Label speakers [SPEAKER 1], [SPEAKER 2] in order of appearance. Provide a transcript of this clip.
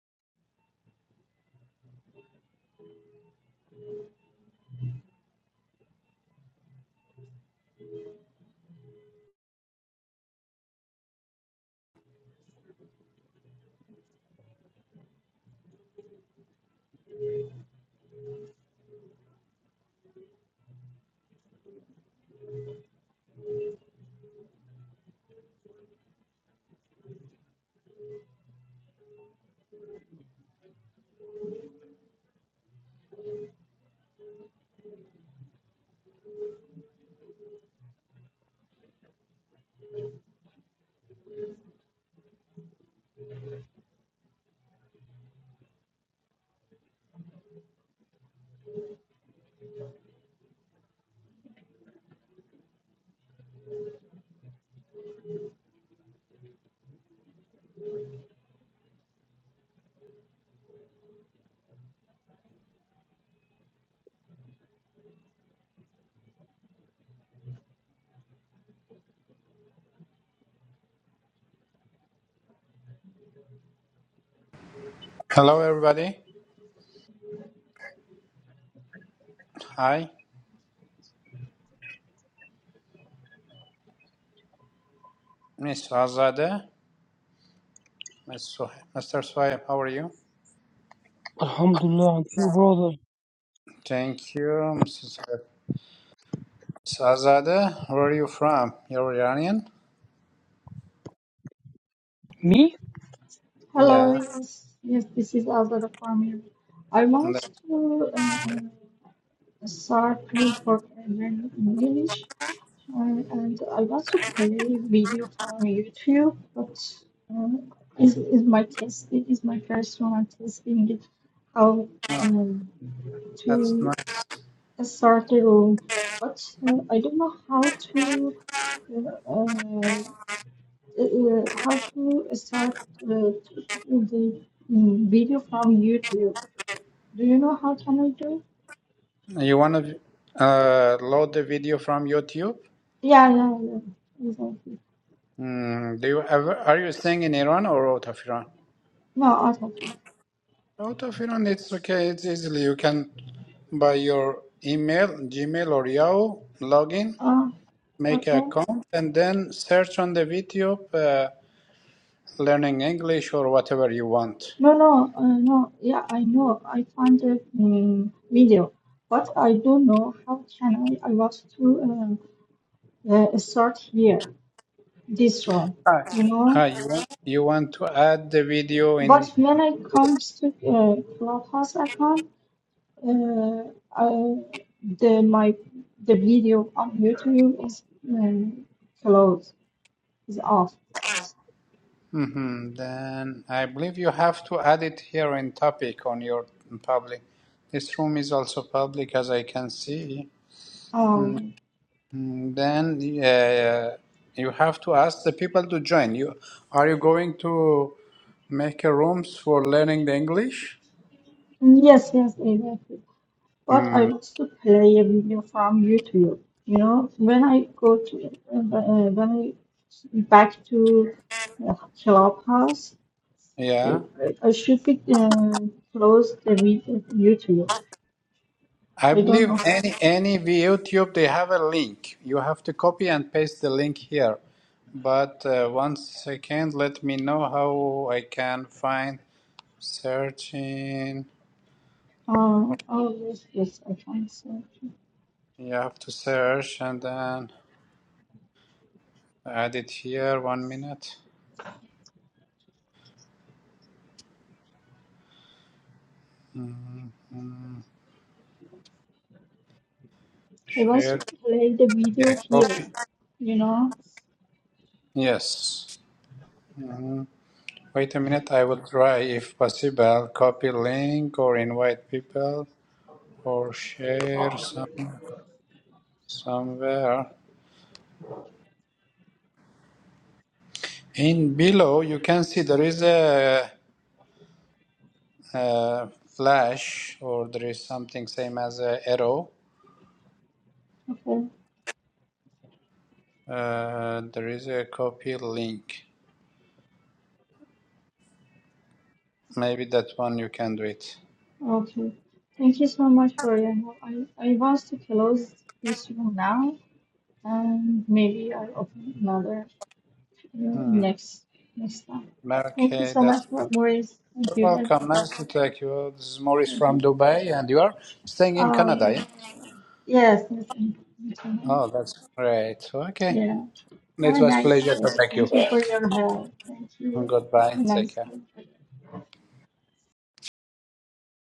[SPEAKER 1] Hello, everybody. Hi, Miss Azadeh, Miss Soh- Mr. Sohaib, how are you?
[SPEAKER 2] Alhamdulillah, and you, brother.
[SPEAKER 1] Thank you, Mrs. Miss Azadeh. Where are you from? You're Iranian?
[SPEAKER 2] Me?
[SPEAKER 3] Hello,
[SPEAKER 1] Yeah,
[SPEAKER 3] yes, yes, this is Azara from Europe. I
[SPEAKER 1] and
[SPEAKER 3] want
[SPEAKER 1] that's
[SPEAKER 3] to uh, uh, start to programming English uh, and I want to play video from YouTube, but uh, is, is my test? It is my first one I'm testing it how
[SPEAKER 1] not.
[SPEAKER 3] um,
[SPEAKER 1] That's
[SPEAKER 3] to
[SPEAKER 1] not
[SPEAKER 3] start the room, but uh, I don't know how to. uh, uh, how to start uh, the mm, video from YouTube. Do you know how can I do?
[SPEAKER 1] you want to uh, load the video from YouTube?
[SPEAKER 3] Yeah, yeah, yeah. Exactly.
[SPEAKER 1] Mm, do you ever? Are you staying in Iran or out of Iran?
[SPEAKER 3] No, autoplay.
[SPEAKER 1] Out of Iran, it's okay. It's easily. You can by your email, Gmail or Yahoo, login,
[SPEAKER 3] Uh,
[SPEAKER 1] make an
[SPEAKER 3] okay.
[SPEAKER 1] account, and then search on the video. learning English or whatever you want.
[SPEAKER 3] No, no, uh, no. Yeah, I know. I found the mm video, but I don't know how can I. I want to uh, uh, start here, this one.
[SPEAKER 1] Ah,
[SPEAKER 3] You
[SPEAKER 1] Ah,
[SPEAKER 3] know.
[SPEAKER 1] you want you want to add the video
[SPEAKER 3] But
[SPEAKER 1] in?
[SPEAKER 3] when I comes to uh, Clubhouse account. Uh, uh, the my the video on YouTube is um, closed, is off.
[SPEAKER 1] hmm then I believe you have to add it here in topic on your public. This room is also public, as I can see.
[SPEAKER 3] Um,
[SPEAKER 1] Mm, Then uh, you have to ask the people to join. You are you going to make a rooms for learning the English?
[SPEAKER 3] yes, yes, exactly. But I
[SPEAKER 1] Mm,
[SPEAKER 3] also play a video from YouTube. You know, when I go to uh, uh, when I back to uh, Clubhouse,
[SPEAKER 1] yeah.
[SPEAKER 3] it, I should be uh, close the video YouTube.
[SPEAKER 1] I
[SPEAKER 3] I don't
[SPEAKER 1] believe
[SPEAKER 3] know.
[SPEAKER 1] any any YouTube they have a link. You have to copy and paste the link here. But uh, one second, let me know how I can find searching.
[SPEAKER 3] Uh, oh yes, yes, I can see.
[SPEAKER 1] You have to search and then add it here. One minute. Mhm.
[SPEAKER 3] I want
[SPEAKER 1] Share.
[SPEAKER 3] to play the video
[SPEAKER 1] Yeah,
[SPEAKER 3] here,
[SPEAKER 1] copy.
[SPEAKER 3] you know?
[SPEAKER 1] Yes. Mhm. Wait a minute. I will try if possible. Copy link or invite people or share some somewhere. In below, you can see there is a, a flash or there is something same as a arrow.
[SPEAKER 3] Okay,
[SPEAKER 1] Uh, there is a copy link. Maybe that one you can do it.
[SPEAKER 3] okay. Thank you so much for your help. I, I want to close this room now, and maybe I'll open another you know,
[SPEAKER 1] Hmm.
[SPEAKER 3] next next time. Thank you
[SPEAKER 1] Okay,
[SPEAKER 3] so much
[SPEAKER 1] that's
[SPEAKER 3] for Maurice. Thank you. Bye bye.
[SPEAKER 1] welcome. Nice to talk you. This is Maurice
[SPEAKER 3] Thank
[SPEAKER 1] from
[SPEAKER 3] you.
[SPEAKER 1] Dubai, and you are staying in
[SPEAKER 3] Oh
[SPEAKER 1] Canada.
[SPEAKER 3] yeah.
[SPEAKER 1] Yeah?
[SPEAKER 3] Yes. yes, thank you. thank you.
[SPEAKER 1] Oh, that's great. Okay,
[SPEAKER 3] Yeah. Have
[SPEAKER 1] it
[SPEAKER 3] a
[SPEAKER 1] was
[SPEAKER 3] nice
[SPEAKER 1] pleasure to
[SPEAKER 3] day.
[SPEAKER 1] talk you.
[SPEAKER 3] Thank you for your help. Thank you.
[SPEAKER 1] Goodbye.
[SPEAKER 3] Have a
[SPEAKER 1] Take
[SPEAKER 3] nice
[SPEAKER 1] care.
[SPEAKER 3] day.